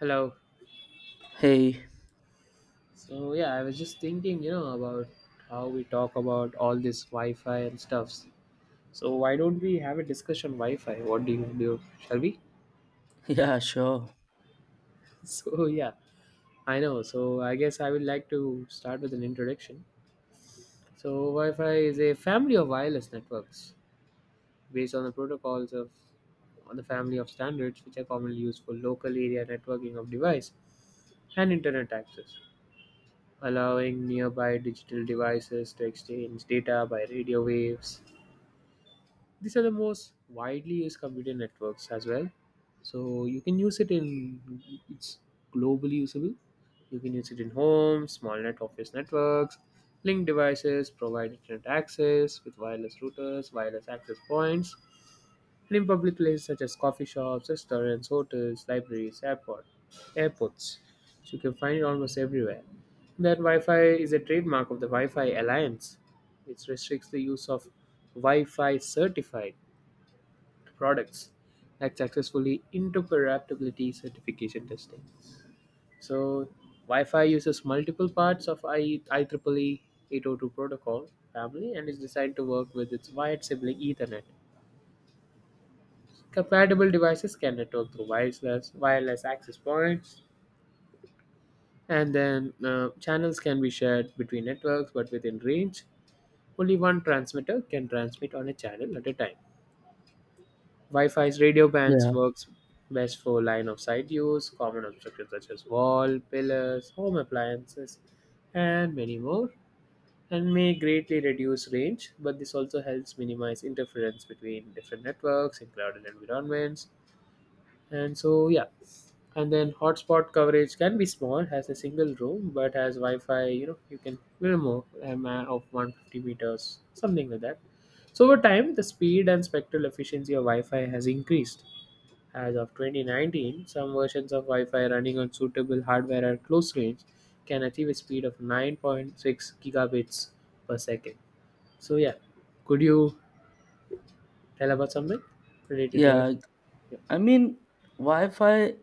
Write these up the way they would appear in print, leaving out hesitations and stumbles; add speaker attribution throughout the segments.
Speaker 1: Hello.
Speaker 2: Hey,
Speaker 1: So yeah, I was just thinking, about how we talk about all this Wi-Fi and stuffs. So why don't we have a discussion on Wi-Fi? What do you do? Shall we?
Speaker 2: yeah, sure.
Speaker 1: So yeah, I know. So I guess I would like to start with an introduction. So Wi-Fi is a family of wireless networks based on the protocols of on the family of standards which are commonly used for local area networking of device and internet access, allowing nearby digital devices to exchange data by radio waves. These are the most widely used computer networks as well. So you can use it in it's globally usable. You can use it in homes, small net office networks, link devices, provide internet access with wireless routers, wireless access points, and in public places such as coffee shops, restaurants, hotels, libraries, airports. So you can find it almost everywhere. That Wi-Fi is a trademark of the Wi-Fi Alliance, which restricts the use of Wi-Fi certified products like successfully interoperability certification testing. So Wi-Fi uses multiple parts of IEEE 802 protocol family and is designed to work with its wired sibling Ethernet. Compatible devices can network through wireless access points, and then channels can be shared between networks, but within range, only one transmitter can transmit on a channel at a time. Wi-Fi's radio
Speaker 2: Yeah,
Speaker 1: bands works best for line of sight use. Common obstructions such as wall, pillars, home appliances, and many more, and may greatly reduce range. But this also helps minimize interference between different networks in crowded environments. And so, yeah. And then hotspot coverage can be small, has a single room, but has Wi-Fi. You know, you can little more of 150 meters, something like that. So over time, the speed and spectral efficiency of Wi-Fi has increased. As of 2019, some versions of Wi-Fi running on suitable hardware at close range can achieve a speed of 9.6 gigabits per second. So yeah, could you tell about something related to Wi-Fi?
Speaker 2: yeah.
Speaker 1: Yeah.
Speaker 2: I mean, Wi-Fi,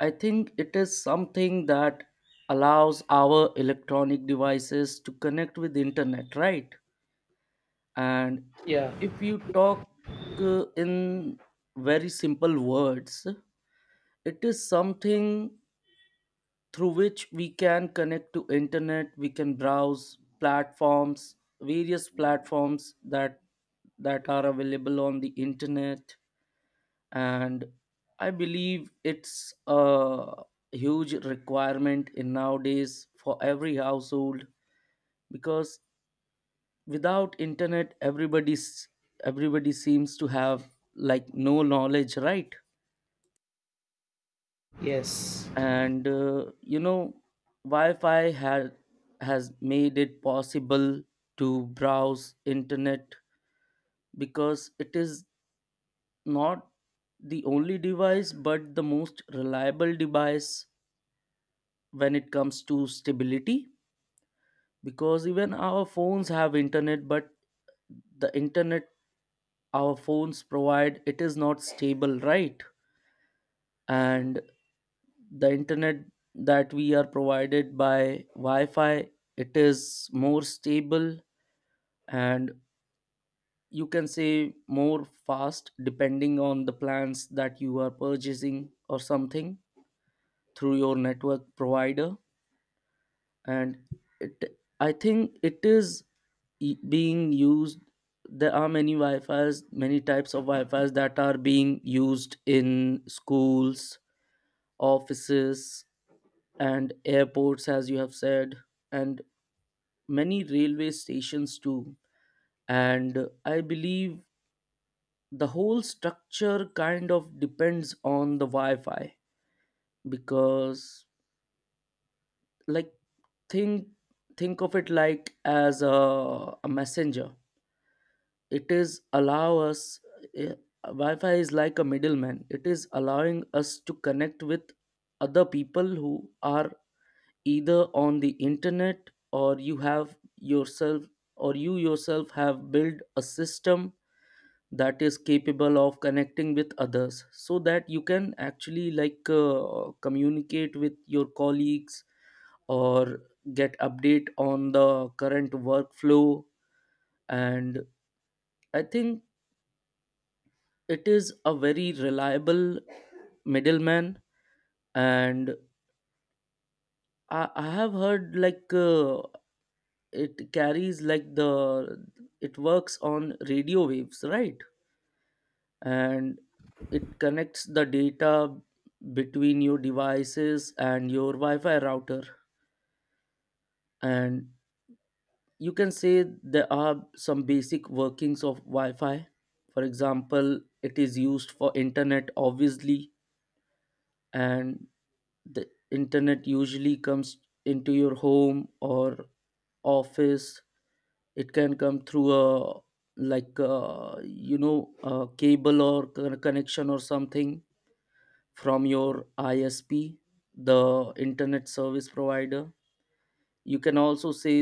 Speaker 2: I think it is something that allows our electronic devices to connect with internet, right? And
Speaker 1: Yeah,
Speaker 2: if you talk in very simple words, it is something through which we can connect to internet, we can browse platforms, various platforms that are available on the internet, and I believe it's a huge requirement in nowadays for every household because without internet everybody seems to have like no knowledge, right?
Speaker 1: yes.
Speaker 2: And you know, wi-fi had has made it possible to browse internet because it is not the only device but the most reliable device when it comes to stability, because even our phones have internet, but the internet our phones provide, it is not stable, right? And the internet that we are provided by wi-fi, it is more stable and you can say more fast, depending on the plans that you are purchasing or something through your network provider. And it I think it is being used. There are many wi-fi's, many types of wi-fi's that are being used in schools, offices, and airports as you have said, and many railway stations too. And I believe the whole structure kind of depends on the wi-fi, because like, think think of it like as a messenger. It is allow us, eh, wi-fi is like a middleman. It is allowing us to connect with other people who are either on the internet, or you have yourself, or you yourself have built a system that is capable of connecting with others, so that you can actually like communicate with your colleagues or get update on the current workflow. And I think it is a very reliable middleman. And I have heard like it carries like the— it works on radio waves, right? And it connects the data between your devices and your wi-fi router. And you can say there are some basic workings of wi-fi. For example, it is used for internet obviously, and the internet usually comes into your home or office. It can come through a, like you know, a cable or connection or something from your ISP, the internet service provider. You can also say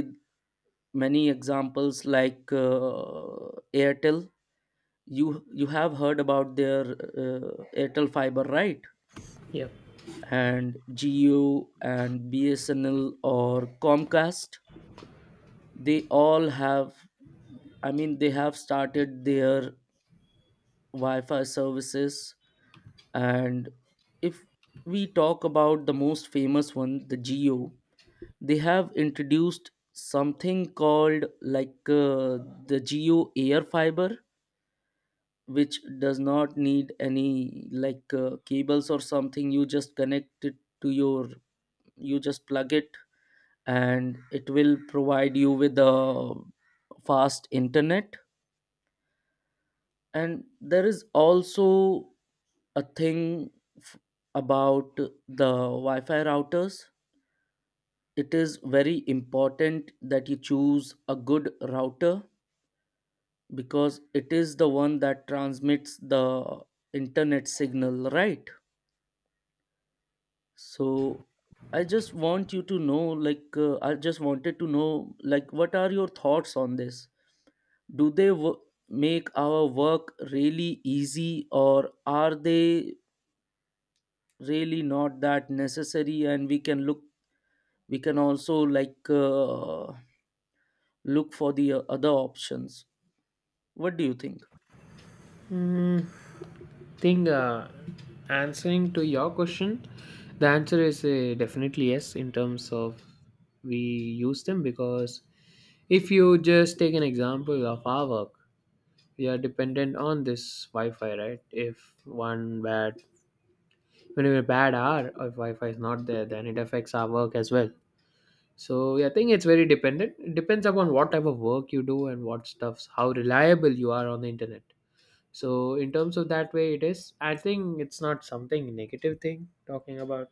Speaker 2: many examples like Airtel. You have heard about their Airtel Fiber, right?
Speaker 1: Yeah.
Speaker 2: And Geo and BSNL or Comcast. They all have, I mean, they have started their Wi Fi services. And if we talk about the most famous one, the Geo, they have introduced something called like the Geo Air Fiber, which does not need any like cables or something. You just connect it to your— you just plug it and it will provide you with a fast internet. And there is also a thing f- about the wi-fi routers. It is very important that you choose a good router because it is the one that transmits the internet signal, right? So I just want you to know, like, I just wanted to know, like, what are your thoughts on this? Do they make our work really easy, or are they really not that necessary? And we can look, we can also like look for the other options. What do you think?
Speaker 1: Hmm. Think answering to your question, the answer is definitely yes in terms of we use them, because if you just take an example of our work, we are dependent on this wi-fi, right? if one bad When a bad hour, or if wi-fi is not there, then it affects our work as well. So yeah, I think it's very dependent. It depends upon what type of work you do and what stuffs, how reliable you are on the internet. So in terms of that way, it is, I think it's not something negative thing talking about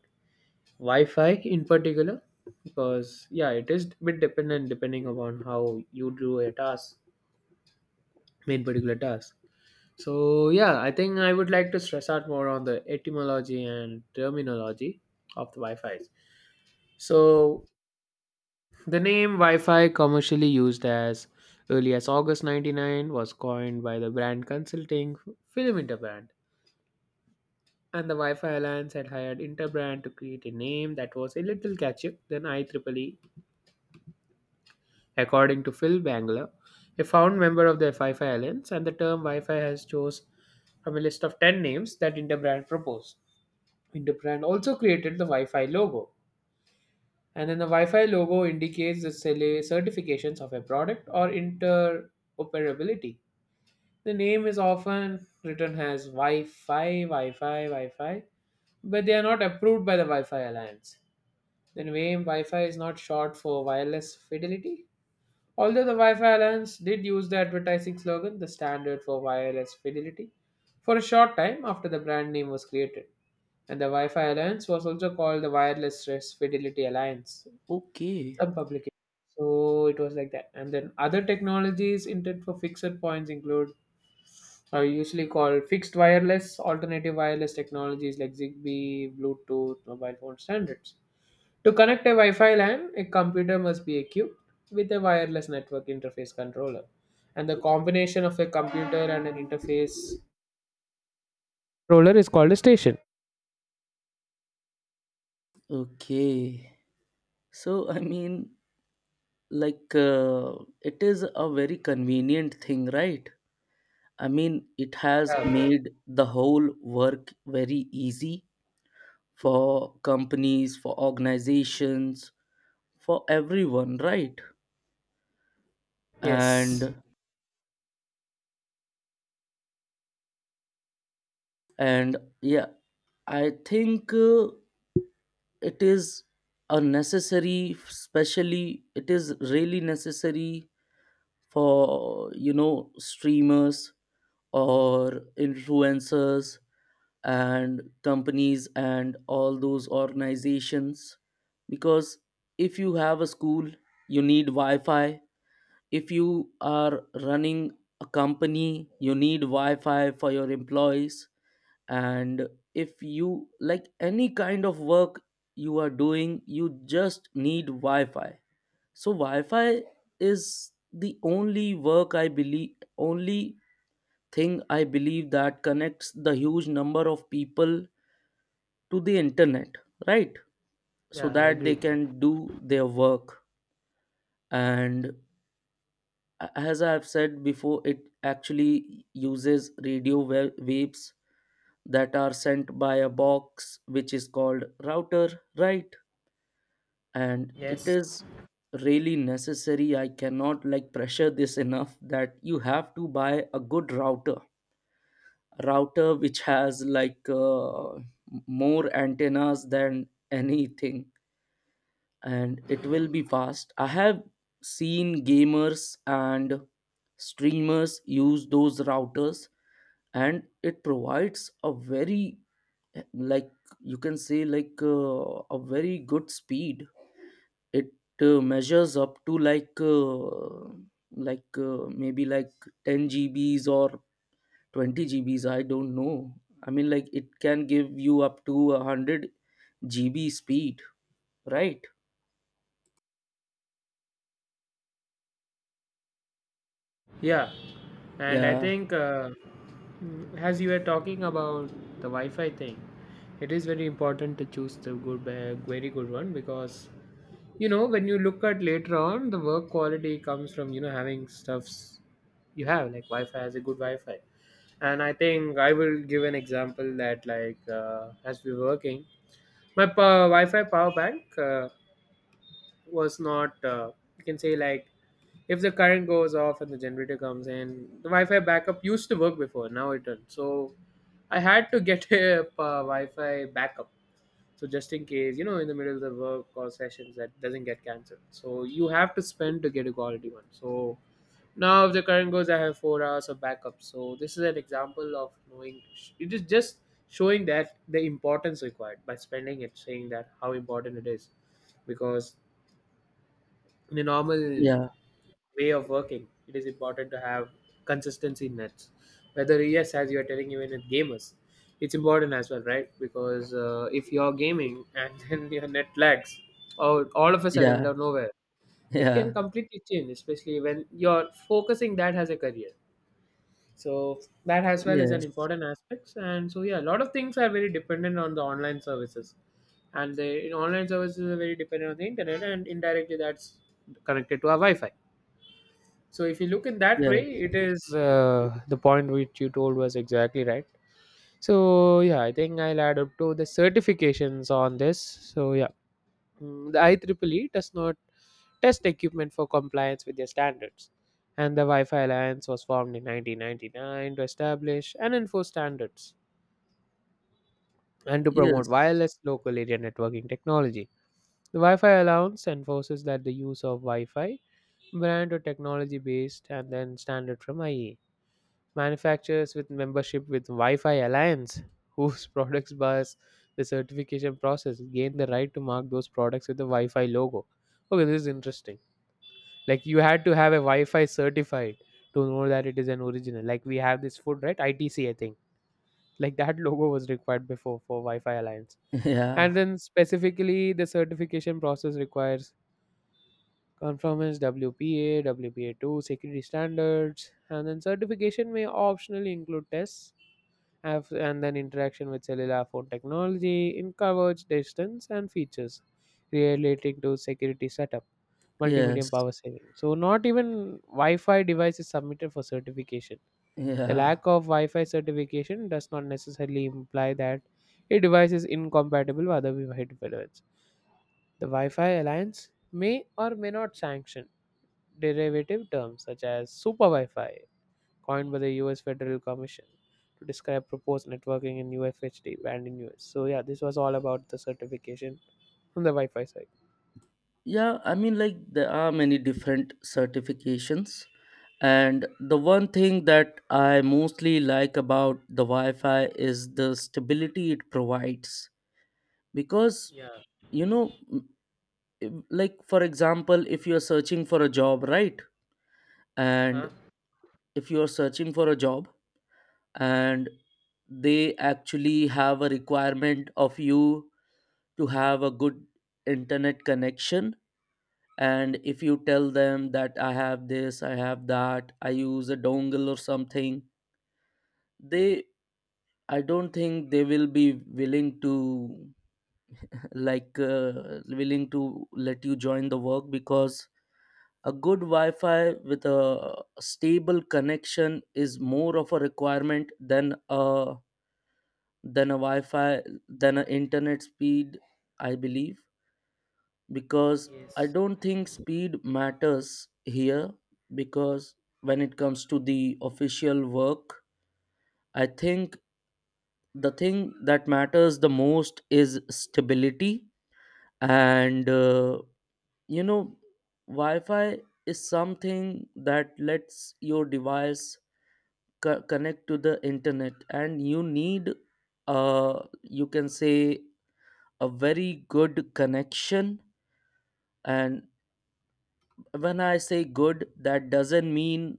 Speaker 1: wi-fi in particular, because yeah, it is bit dependent depending upon how you do a task, main particular task. So yeah, I think I would like to stress out more on the etymology and terminology of the wi-fi's. So the name wi-fi commercially used as early as August 99 was coined by the brand consulting film Interbrand, and the Wi-Fi Alliance had hired Interbrand to create a name that was a little catchier than IEEE, according to Phil Bangler, a found member of the Wi-Fi Alliance, and the term Wi-Fi has chose from a list of 10 names that Interbrand proposed. Interbrand also created the Wi-Fi logo, and then the Wi-Fi logo indicates the certifications of a product or interoperability. The name is often written as Wi-Fi, Wi-Fi, Wi-Fi, but they are not approved by the Wi-Fi Alliance. Then WAME Wi-Fi is not short for wireless fidelity, although the Wi-Fi Alliance did use the advertising slogan, the standard for wireless fidelity, for a short time after the brand name was created. And the Wi-Fi Alliance was also called the Wireless Fidelity Alliance.
Speaker 2: Okay,
Speaker 1: Some publication. So it was like that. And then other technologies intended for fixed points include are usually called fixed wireless, alternative wireless technologies like Zigbee, Bluetooth, mobile phone standards. To connect a Wi Fi LAN, a computer must be equipped with a wireless network interface controller. And the combination of a computer and an interface controller is called a station.
Speaker 2: okay. So I mean, like, it is a very convenient thing, right? I mean, it has
Speaker 1: Yeah.
Speaker 2: made the whole work very easy for companies, for organizations, for everyone, right?
Speaker 1: Yes.
Speaker 2: And and yeah, I think it is a necessary, especially it is really necessary for you know streamers or influencers and companies and all those organizations, because if you have a school you need wi-fi, if you are running a company you need wi-fi for your employees, and if you like any kind of work you are doing, you just need wi-fi. So wi-fi is the only work I believe, only thing I believe, that connects the huge number of people to the internet, right? So
Speaker 1: Yeah, I
Speaker 2: that they
Speaker 1: agree.
Speaker 2: can do their work. And as I've said before, it actually uses radio waves that are sent by a box which is called router, right? And it
Speaker 1: Yes.
Speaker 2: is really necessary. I cannot like pressure this enough, that you have to buy a good router, router which has like more antennas than anything, and it will be fast. I have seen gamers and streamers use those routers, and it provides a very, like, you can say like a very good speed. It measures up to like maybe like 10 GBs or 20 GBs. I don't know. I mean, like it can give you up to a 100 GB speed, right?
Speaker 1: Yeah. And I
Speaker 2: Yeah,
Speaker 1: think, as you were talking about the Wi Fi thing, it is very important to choose the good, very good one, because you know when you look at later on, the work quality comes from, you know, having stuffs you have, like wi-fi has a good wi-fi. And I think I will give an example that, like as we were working, my wi-fi power bank was not you can say, like, if the current goes off and the generator comes in, the wi-fi backup used to work before, now it doesn't. So I had to get a wi-fi backup. So just in case, you know, in the middle of the work or sessions, that doesn't get cancelled, so you have to spend to get a quality one. So now if the current goes, I have 4 hours of backup. So this is an example of knowing, it is just showing that the importance required by spending it, saying that how important it is, because in a normal
Speaker 2: yeah,
Speaker 1: way of working, it is important to have consistency in that, whether yes, as you are telling, even with gamers, it's important as well, right? Because if you're gaming and then your net lags or all of a sudden
Speaker 2: yeah.
Speaker 1: out of nowhere, it can
Speaker 2: Yeah.
Speaker 1: completely change, especially when you're focusing that as a career. So that as well is an
Speaker 2: Yes.
Speaker 1: important aspect. And so yeah, a lot of things are very dependent on the online services, and the online services are very dependent on the internet, and indirectly that's connected to our wi-fi. So if you look in that way,
Speaker 2: Yes.
Speaker 1: it is, the point which you told was exactly right. So yeah, I think I'll add up to the certifications on this. So yeah, the IEEE does not test equipment for compliance with their standards, and the Wi-Fi Alliance was formed in 1999 to establish and enforce standards and to promote
Speaker 2: Yes.
Speaker 1: wireless local area networking technology. The Wi-Fi Alliance enforces that the use of Wi-Fi brand or technology based and then standard from IEEE manufacturers with membership with Wi-Fi Alliance, whose products pass the certification process, gain the right to mark those products with the Wi-Fi logo. Okay, this is interesting. Like you had to have a Wi-Fi certified to know that it is an original. Like we have this food, right? ITC, I think. Like that logo was required before for Wi-Fi Alliance.
Speaker 2: Yeah.
Speaker 1: And then specifically, the certification process requires conformance WPA, WPA2, security standards, and then certification may optionally include tests and then interaction with cellular phone technology in coverage, distance, and features relating to security setup, multimedia
Speaker 2: Yes.
Speaker 1: and power saving. So, not even Wi Fi device is submitted for certification. The
Speaker 2: Yeah.
Speaker 1: lack of Wi Fi certification does not necessarily imply that a device is incompatible with other Wi-Fi developments. The Wi-Fi Alliance may or may not sanction derivative terms such as Super Wi-Fi coined by the US Federal Commission to describe proposed networking in UFHD band in US. So yeah, this was all about the certification from the Wi-Fi side.
Speaker 2: Yeah. I mean, like, there are many different certifications. And the one thing that I mostly like about the Wi Fi is the stability it provides. Because,
Speaker 1: Yeah.
Speaker 2: you know, if— like, for example, if you're searching for a job, right? And
Speaker 1: Huh?
Speaker 2: if you're searching for a job, and they actually have a requirement of you to have a good internet connection, and if you tell them that I have this, I have that, I use a dongle or something, they— I don't think they will be willing to, like willing to let you join the work, because a good wi-fi with a stable connection is more of a requirement than a, than a Wi-Fi, than a internet speed, I believe. Because I
Speaker 1: Yes.
Speaker 2: don't think speed matters here, because when it comes to the official work, I think the thing that matters the most is stability. And you know, Wi-Fi is something that lets your device connect to the internet, and you need, you can say, a very good connection. And when I say good, that doesn't mean,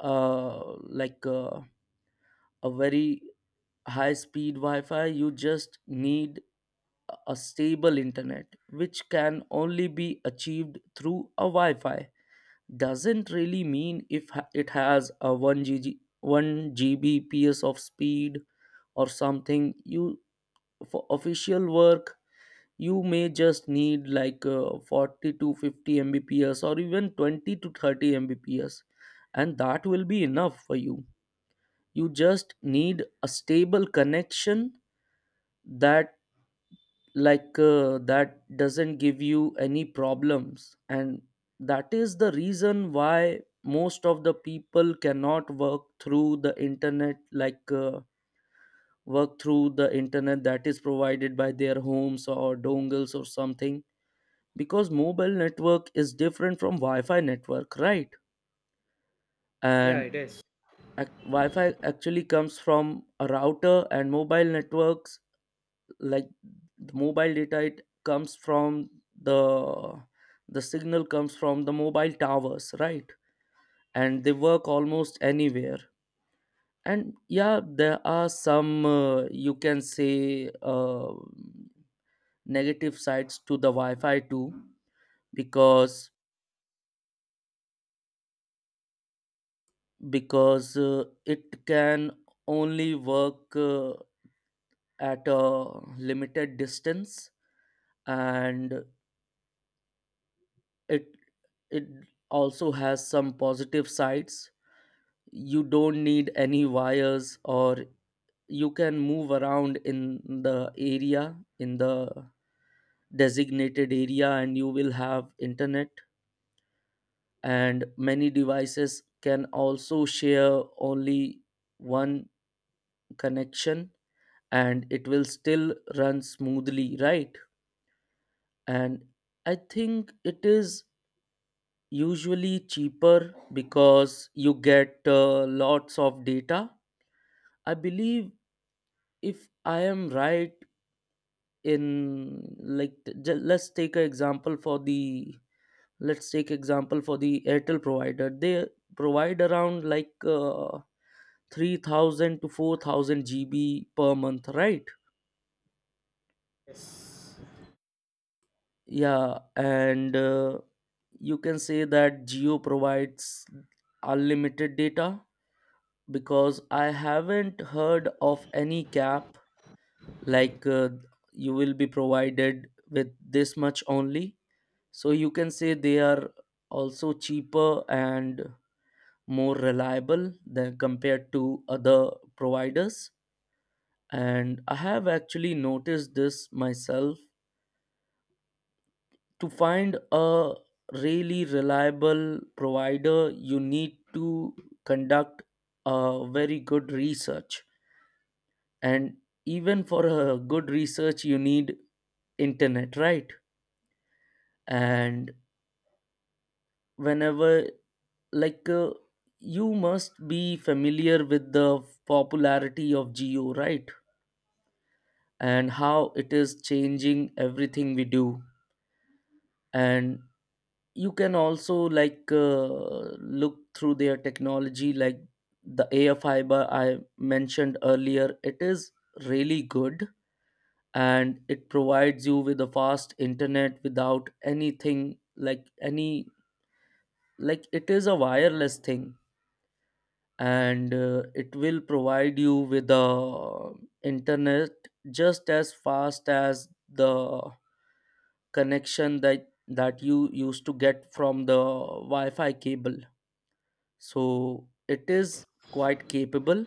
Speaker 2: uh, like a very high speed wi-fi. You just need a stable internet which can only be achieved through a wi-fi. Doesn't really mean if it has a 1 G G 1 gbps of speed or something. You, for official work, you may just need like 40 to 50 mbps, or even 20 to 30 mbps, and that will be enough for you. You just need a stable connection that, like that doesn't give you any problems. And that is the reason why most of the people cannot work through the internet, like work through the internet that is provided by their homes or dongles or something, because mobile network is different from wi-fi network, right?
Speaker 1: Yeah,
Speaker 2: And
Speaker 1: it is.
Speaker 2: wi-fi actually comes from a router, and mobile networks, like the mobile data, it comes from the— the signal comes from the mobile towers, right? And they work almost anywhere. And yeah, there are some you can say negative sides to the wi-fi too, because because it can only work at a limited distance. And it it also has some positive sides. You don't need any wires, or you can move around in the area, in the designated area, and you will have internet. And many devices can also share only one connection, and it will still run smoothly, right? And I think it is usually cheaper because you get lots of data. I believe, if I am right, in like let's take an example for the— let's take example for the Airtel provider. They provide around like 3,000 to 4,000 GB per month, right?
Speaker 1: Yes.
Speaker 2: Yeah, and you can say that Geo provides unlimited data, because I haven't heard of any cap like you will be provided with this much only. So you can say they are also cheaper and more reliable than compared to other providers. And I have actually noticed this myself. To find a really reliable provider you need to conduct a very good research, and even for a good research you need internet, right? And whenever, like uh, you must be familiar with the popularity of geo, right? And how it is changing everything we do. And you can also look through their technology, like the air fiber I mentioned earlier. It is really good and it provides you with a fast internet without anything, like any, like it is a wireless thing. And it will provide you with the internet just as fast as the connection that you used to get from the wi-fi cable. So it is quite capable.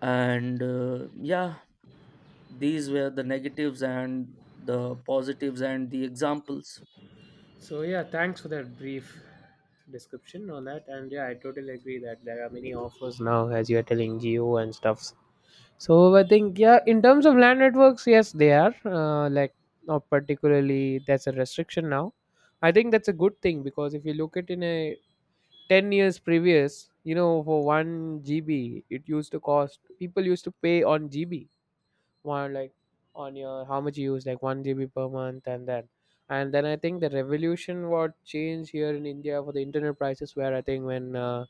Speaker 2: And yeah, these were the negatives and the positives and the examples.
Speaker 1: So yeah, thanks for that brief description on that. And yeah, I totally agree that there are many offers now, as you are telling, Geo and stuff. So I think yeah, in terms of land networks, yes, they are like not particularly. That's a restriction now. I think that's a good thing because if you look at in a 10 years previous, you know, for 1 GB, it used to cost, people used to pay on GB, one, like on your, how much you use, like 1 GB per month and that. And then I think the revolution what changed here in India for the internet prices where I think when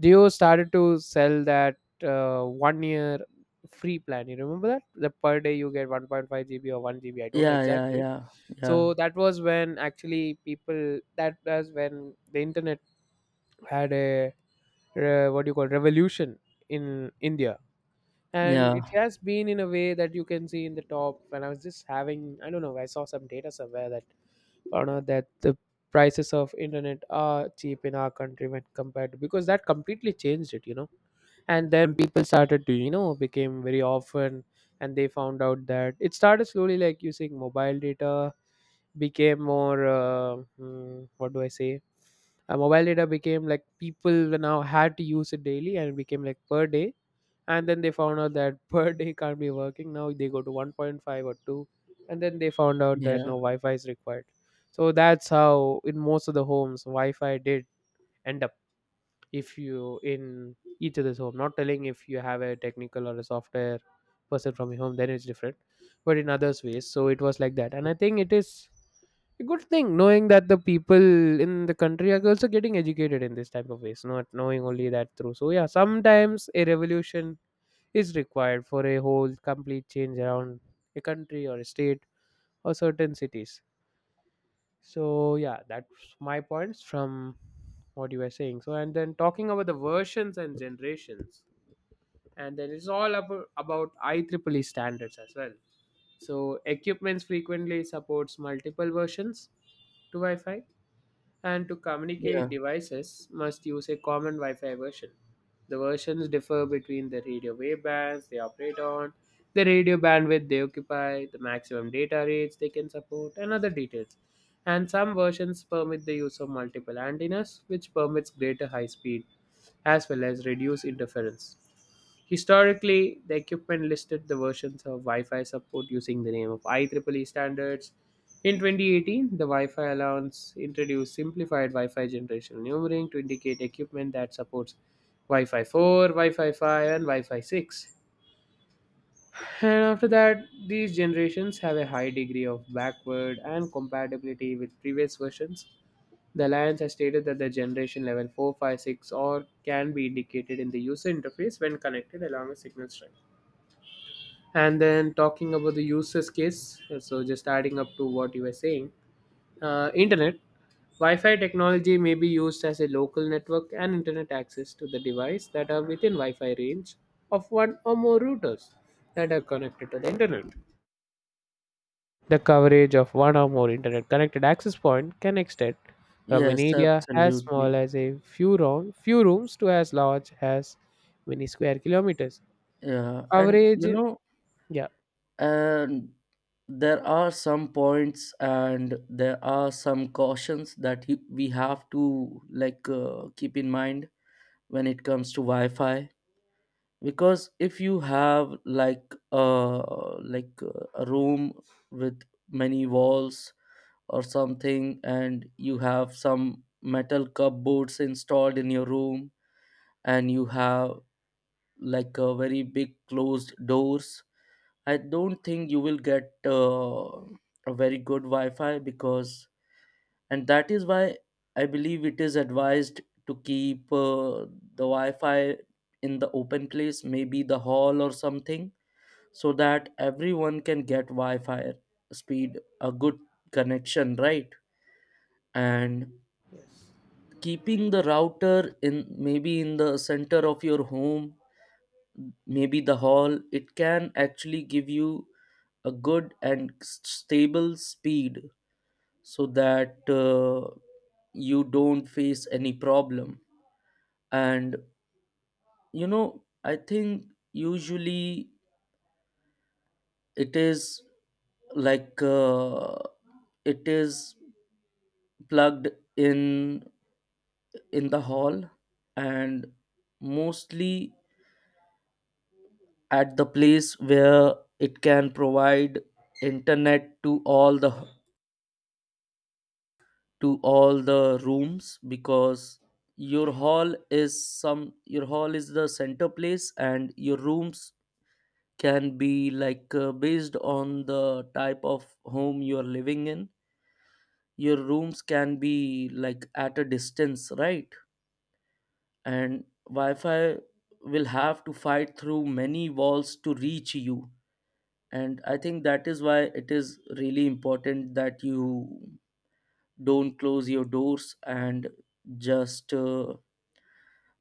Speaker 1: Dio started to sell that one year free plan, you remember that? The per day you get 1.5 GB or 1 GB, I don't know
Speaker 2: yeah yeah
Speaker 1: exactly.
Speaker 2: yeah yeah,
Speaker 1: So that was when actually people, that was when the internet had a what do you call revolution in India. And it
Speaker 2: yeah,
Speaker 1: has been in a way that you can see in the top. When I was just having, I don't know, I saw some data somewhere that found out that the prices of internet are cheap in our country when compared to, because that completely changed it, you know. And then people started to, became very often, and they found out that it started slowly, like using mobile data became more mm, what do I say mobile data became like people now had to use it daily and it became like per day. And then they found out that per day can't be working now, they go to 1.5 or 2. And then they found out that
Speaker 2: yeah,
Speaker 1: no wi-fi is required. So that's how in most of the homes wi-fi did end up. If you in each other's home, not telling if you have a technical or a software person from your home, then it's different, but in others ways. So it was like that, and I think it is a good thing knowing that the people in the country are also getting educated in this type of ways, not knowing only that through. So yeah, sometimes a revolution is required for a whole complete change around a country or a state or certain cities. So yeah, that's my points from what you were saying. So and then, talking about the versions and generations, and then it's all about IEEE standards as well. So equipments frequently supports multiple versions to Wi-Fi, and to
Speaker 2: yeah,
Speaker 1: communicate devices must use a common Wi-Fi version. The versions differ between the radio wavebands they operate on, the radio bandwidth they occupy, the maximum data rates they can support, and other details. And some versions permit the use of multiple antennas, which permits greater high speed as well as reduced interference. Historically, the equipment listed the versions of Wi-Fi support using the name of IEEE standards. In 2018, the Wi-Fi allowance introduced simplified Wi-Fi generational numbering to indicate equipment that supports Wi-Fi 4, Wi-Fi 5, and Wi-Fi 6. And after that, these generations have a high degree of backward and compatibility with previous versions. The Alliance has stated that the generation level 456 or can be indicated in the user interface when connected along a signal string. And then talking about the users case, so just adding up to what you were saying, internet, Wi-Fi technology may be used as a local network and internet access to the device that are within Wi-Fi range of one or more routers that are connected to the internet. The coverage of one or more internet connected access point can extend from an
Speaker 2: yes,
Speaker 1: area as small
Speaker 2: absolutely.
Speaker 1: as few rooms to as large as many square kilometers.
Speaker 2: Yeah, and you
Speaker 1: Coverage,
Speaker 2: know,
Speaker 1: yeah.
Speaker 2: and there are some points and there are some cautions that we have to keep in mind when it comes to wi-fi. Because if you have a room with many walls or something, and you have some metal cupboards installed in your room, and you have like a very big closed doors, I don't think you will get a very good Wi-Fi because, and that is why I believe it is advised to keep the Wi-Fi in the open place, maybe the hall or something, so that everyone can get Wi-Fi speed, a good connection, right? And keeping the router in maybe in the center of your home, maybe the hall, it can actually give you a good and stable speed so that you don't face any problem. And you know, I think usually it is, like uh, it is plugged in in the hall, and mostly at the place where it can provide internet to all the, to all the rooms. Because your hall is some, your hall is the center place, and your rooms can be based on the type of home you are living in, your rooms can be like at a distance, right? And wi-fi will have to fight through many walls to reach you. And I think that is why it is really important that you don't close your doors. And just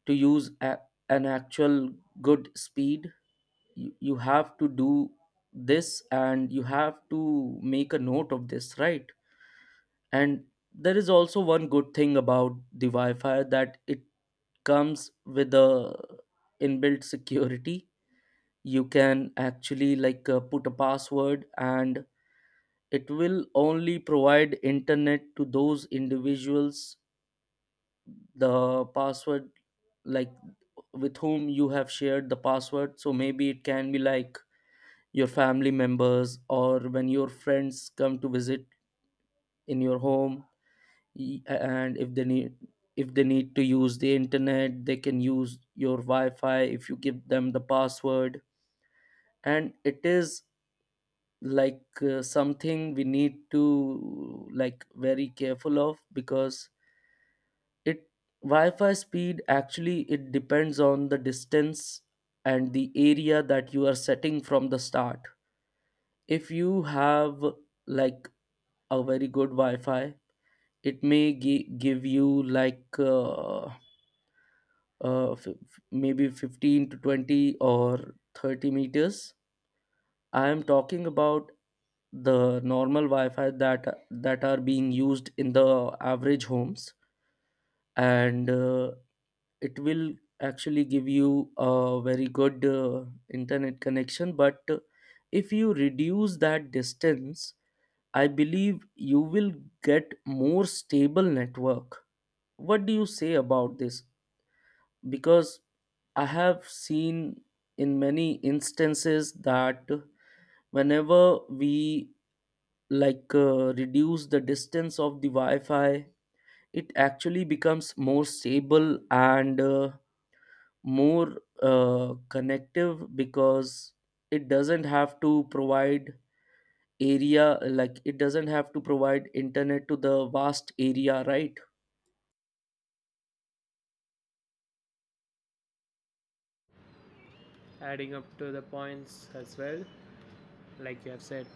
Speaker 2: to use a, an actual good speed, you have to do this, and you have to make a note of this, right? And there is also one good thing about the wi-fi, that it comes with a inbuilt security. You can actually put a password, and it will only provide internet to those individuals, the password, like with whom you have shared the password. So maybe it can be like your family members, or when your friends come to visit in your home. And if they need, if they need to use the internet, they can use your wi-fi if you give them the password. And it is something we need to like very careful of. Because it, wi-fi speed actually, it depends on the distance and the area that you are setting from the start. If you have like a very good wi-fi, it may give you maybe 15 to 20 or 30 meters. I am talking about the normal wi-fi that are being used in the average homes. And it will actually give you a very good internet connection. But if you reduce that distance, I believe you will get more stable network. What do you say about this? Because I have seen in many instances that whenever we reduce the distance of the wi-fi, it actually becomes more stable and more connective, because it doesn't have to provide area, like it doesn't have to provide internet to the vast area, right?
Speaker 1: Adding up to the points as well, like you have said.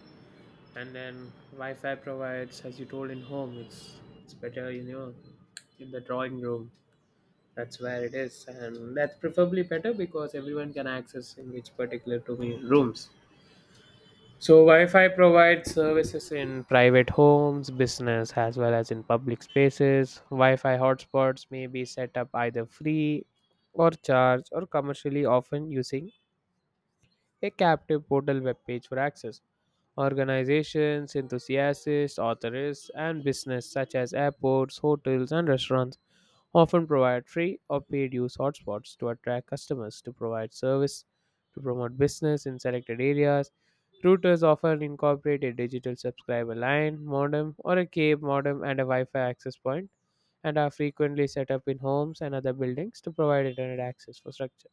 Speaker 1: And then Wi-Fi provides, as you told, in home. It's better, you know, in the drawing room. That's where it is, and that's preferably better because everyone can access in which particular to me rooms. So Wi-Fi provides services in private homes, business, as well as in public spaces. Wi-Fi hotspots may be set up either free or charged or commercially, often using a captive portal webpage for access. Organizations, enthusiasts, authors, and business such as airports, hotels, and restaurants often provide free or paid use hotspots to attract customers to provide service to promote business in selected areas. Routers often incorporate a digital subscriber line, modem, or a cable modem and a Wi-Fi access point, and are frequently set up in homes and other buildings to provide internet access for structure.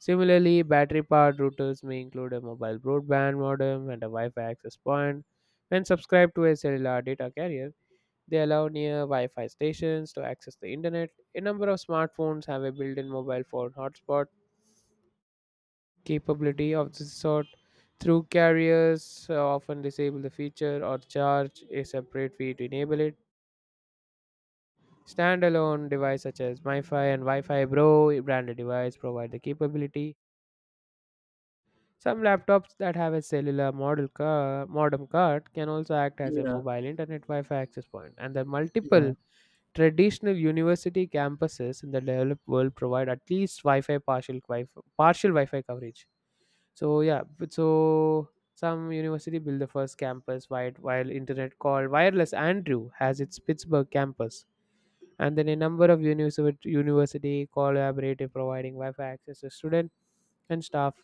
Speaker 1: Similarly, battery powered routers may include a mobile broadband modem and a Wi Fi access point. When subscribed to a cellular data carrier, they allow near Wi Fi stations to access the internet. A number of smartphones have a built in mobile phone hotspot capability of this sort. Through carriers, often disable the feature or charge a separate fee to enable it. Standalone devices such as MiFi and Wi Fi Bro branded device provide the capability. Some laptops that have a modem card can also act as a
Speaker 2: Yeah,
Speaker 1: mobile internet Wi-Fi access point, and the
Speaker 2: yeah,
Speaker 1: multiple traditional university campuses in the developed world provide at least partial Wi-Fi coverage. So yeah, but so some university built the first campus wide while internet called Wireless Andrew has its Pittsburgh campus, and then a number of university collaborative providing wi-fi access to student and staff.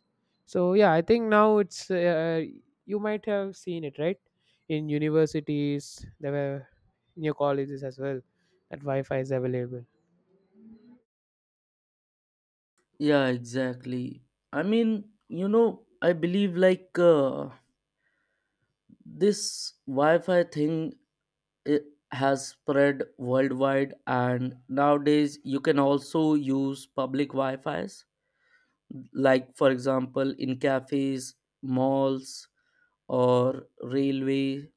Speaker 1: So yeah, I think now it's you might have seen it, right? In universities there were, in your colleges as well, that wi-fi is available.
Speaker 2: yeah, exactly. I mean, you know, I believe this wi-fi thing, it has spread worldwide, and nowadays you can also use public wi-fi's, like for example in cafes, malls, or railway,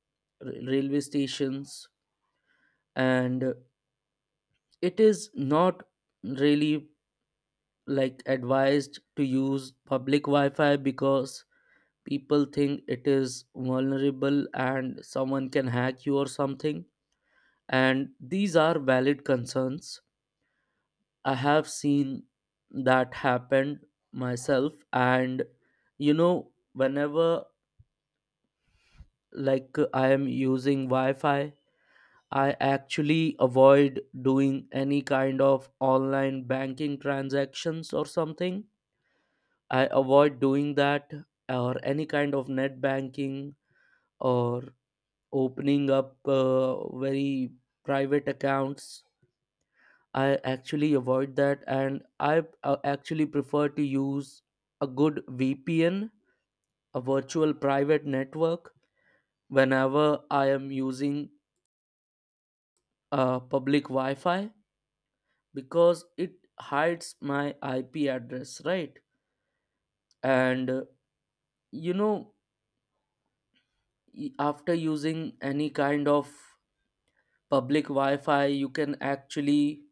Speaker 2: railway stations. And it is not really like advised to use public wi-fi, because people think it is vulnerable and someone can hack you or something. And these are valid concerns. I have seen that happened myself. And you know, whenever like I am using wi-fi, I actually avoid doing any kind of online banking transactions or something. I avoid doing that, or any kind of net banking, or opening up very private accounts. I actually avoid that, and I actually prefer to use a good VPN, a virtual private network, whenever I am using public Wi Fi. Because it hides my IP address, right? And you know, after using any kind of public Wi Fi, you can actually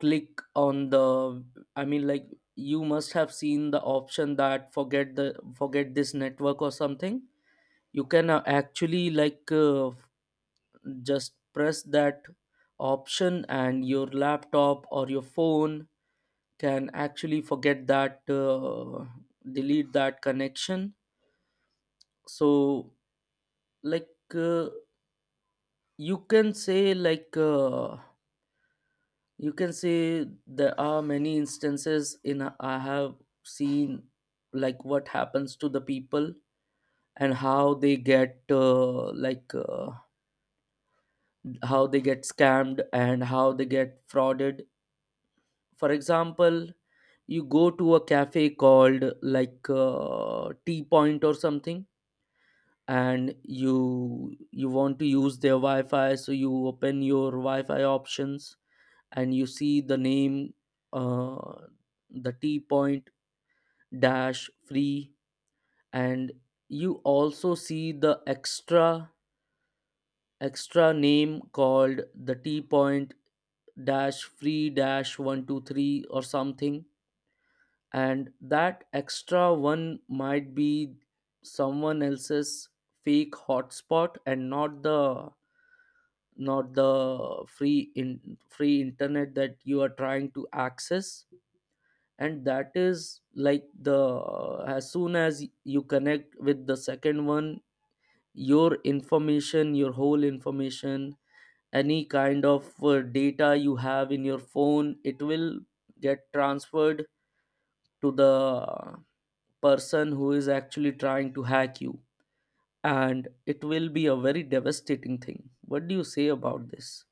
Speaker 2: click on the, I mean, like you must have seen the option that forget the, forget this network or something. You can actually just press that option, and your laptop or your phone can actually forget that delete that connection. So like uh, you can say you can say there are many instances in I have seen like what happens to the people, and how they get how they get scammed and how they get frauded. For example, you go to a cafe called tea point or something, and you want to use their wi-fi, so you open your wi-fi options, and you see the name, uh, the t point dash free. And you also see the extra name called the t point dash free dash 123 or something. And that extra one might be someone else's fake hotspot, and not the, not the free in free internet that you are trying to access. And that is like, the as soon as you connect with the second one, your information, your whole information, any kind of data you have in your phone, it will get transferred to the person who is actually trying to hack you. And it will be a very devastating thing. What do you say about this?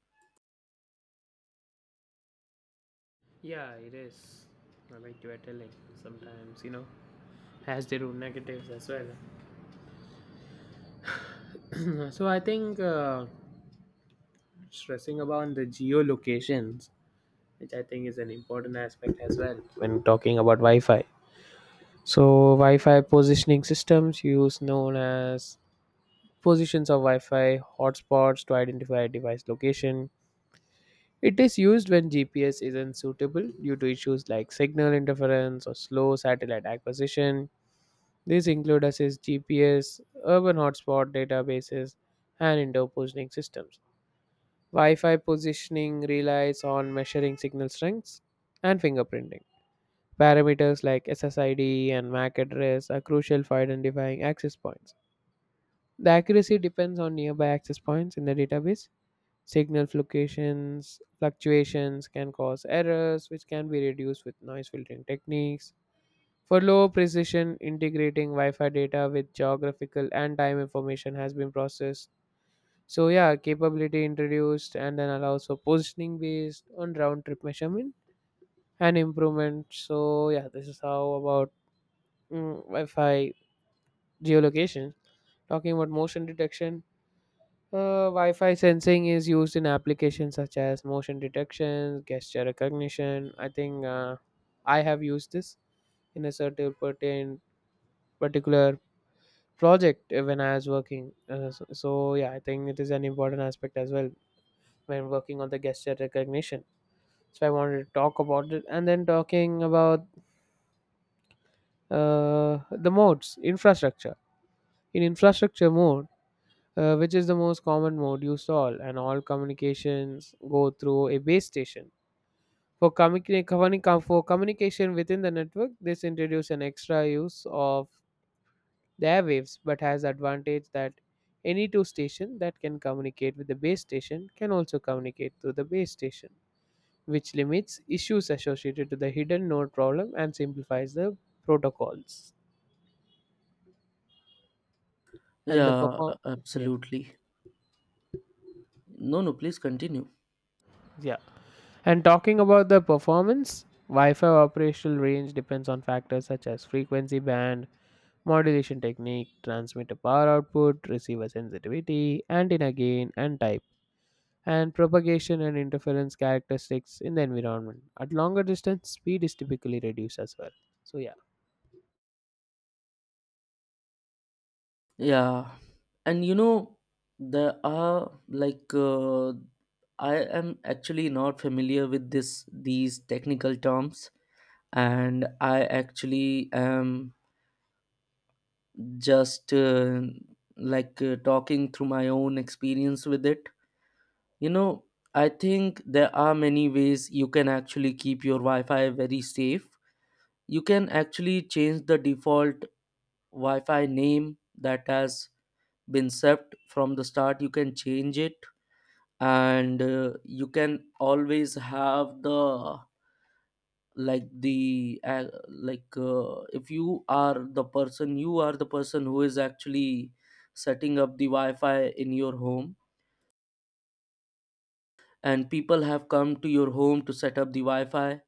Speaker 1: Yeah, it is. I like you were telling, sometimes, you know, has their own negatives as well. So I think stressing about the geolocations, which I think is an important aspect as well when talking about Wi-Fi. So Wi-Fi positioning systems use known as positions of Wi-Fi hotspots to identify a device location. It is used when GPS isn't suitable due to issues like signal interference or slow satellite acquisition. These include assist GPS, urban hotspot databases, and indoor positioning systems. Wi-Fi positioning relies on measuring signal strengths and fingerprinting. Parameters like SSID and MAC address are crucial for identifying access points. The accuracy depends on nearby access points in the database. Signal fluctuations can cause errors, which can be reduced with noise filtering techniques. For low precision, integrating Wi Fi data with geographical and time information has been processed. So yeah, capability introduced and then allows for positioning based on round trip measurement and improvement. So yeah, this is how about Wi-Fi geolocation. Talking about motion detection, Wi-Fi sensing is used in applications such as motion detection, gesture recognition. I think I have used this in a certain pertain particular project when I was working. So yeah, I think it is an important aspect as well when working on the gesture recognition. So I wanted to talk about it, and then talking about the modes infrastructure. In infrastructure mode, which is the most common mode used all and all, communications go through a base station for for communication within the network. This introduced an extra use of the airwaves, but has advantage that any two station that can communicate with the base station can also communicate through the base station, which limits issues associated to the hidden node problem and simplifies the protocols. and the
Speaker 2: yeah
Speaker 1: perform
Speaker 2: a-
Speaker 1: yeah
Speaker 2: absolutely No, no, please continue.
Speaker 1: yeah and talking about the performance, wi-fi operational range depends on factors such as frequency band, modulation technique, transmitter power output, receiver sensitivity, antenna gain and type, and propagation and interference characteristics in the environment. At longer distance speed is typically reduced as well. So yeah,
Speaker 2: Yeah, and you know, there are I am actually not familiar with this, these technical terms, and I actually am just talking through my own experience with it. You know, I think there are many ways you can actually keep your Wi-Fi very safe. You can actually change the default Wi-Fi name that has been set from the start. You can change it, and you can always have the like the if you are the person, you are the person who is actually setting up the Wi-Fi in your home, and people have come to your home to set up the Wi-Fi.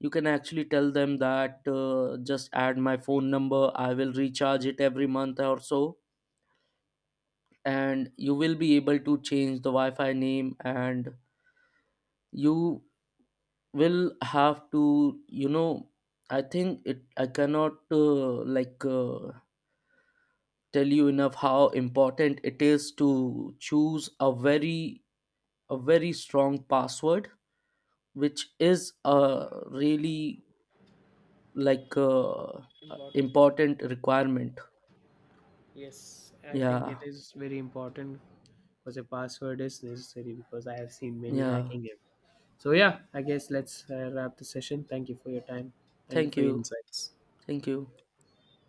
Speaker 2: You can actually tell them that just add my phone number. I will recharge it every month or so, and you will be able to change the wi-fi name. And you will have to, you know, I think it, I cannot tell you enough how important it is to choose a very, a very strong password, which is a really like uh,
Speaker 1: important.
Speaker 2: important requirement.
Speaker 1: Yes, I think it
Speaker 2: Yeah,
Speaker 1: is very important because a password is necessary, because I have seen many
Speaker 2: yeah.
Speaker 1: hacking it. So yeah, I guess let's wrap the session. Thank you for your time. Thank you
Speaker 2: Thank
Speaker 1: for your
Speaker 2: you.
Speaker 1: insights.
Speaker 2: Thank you.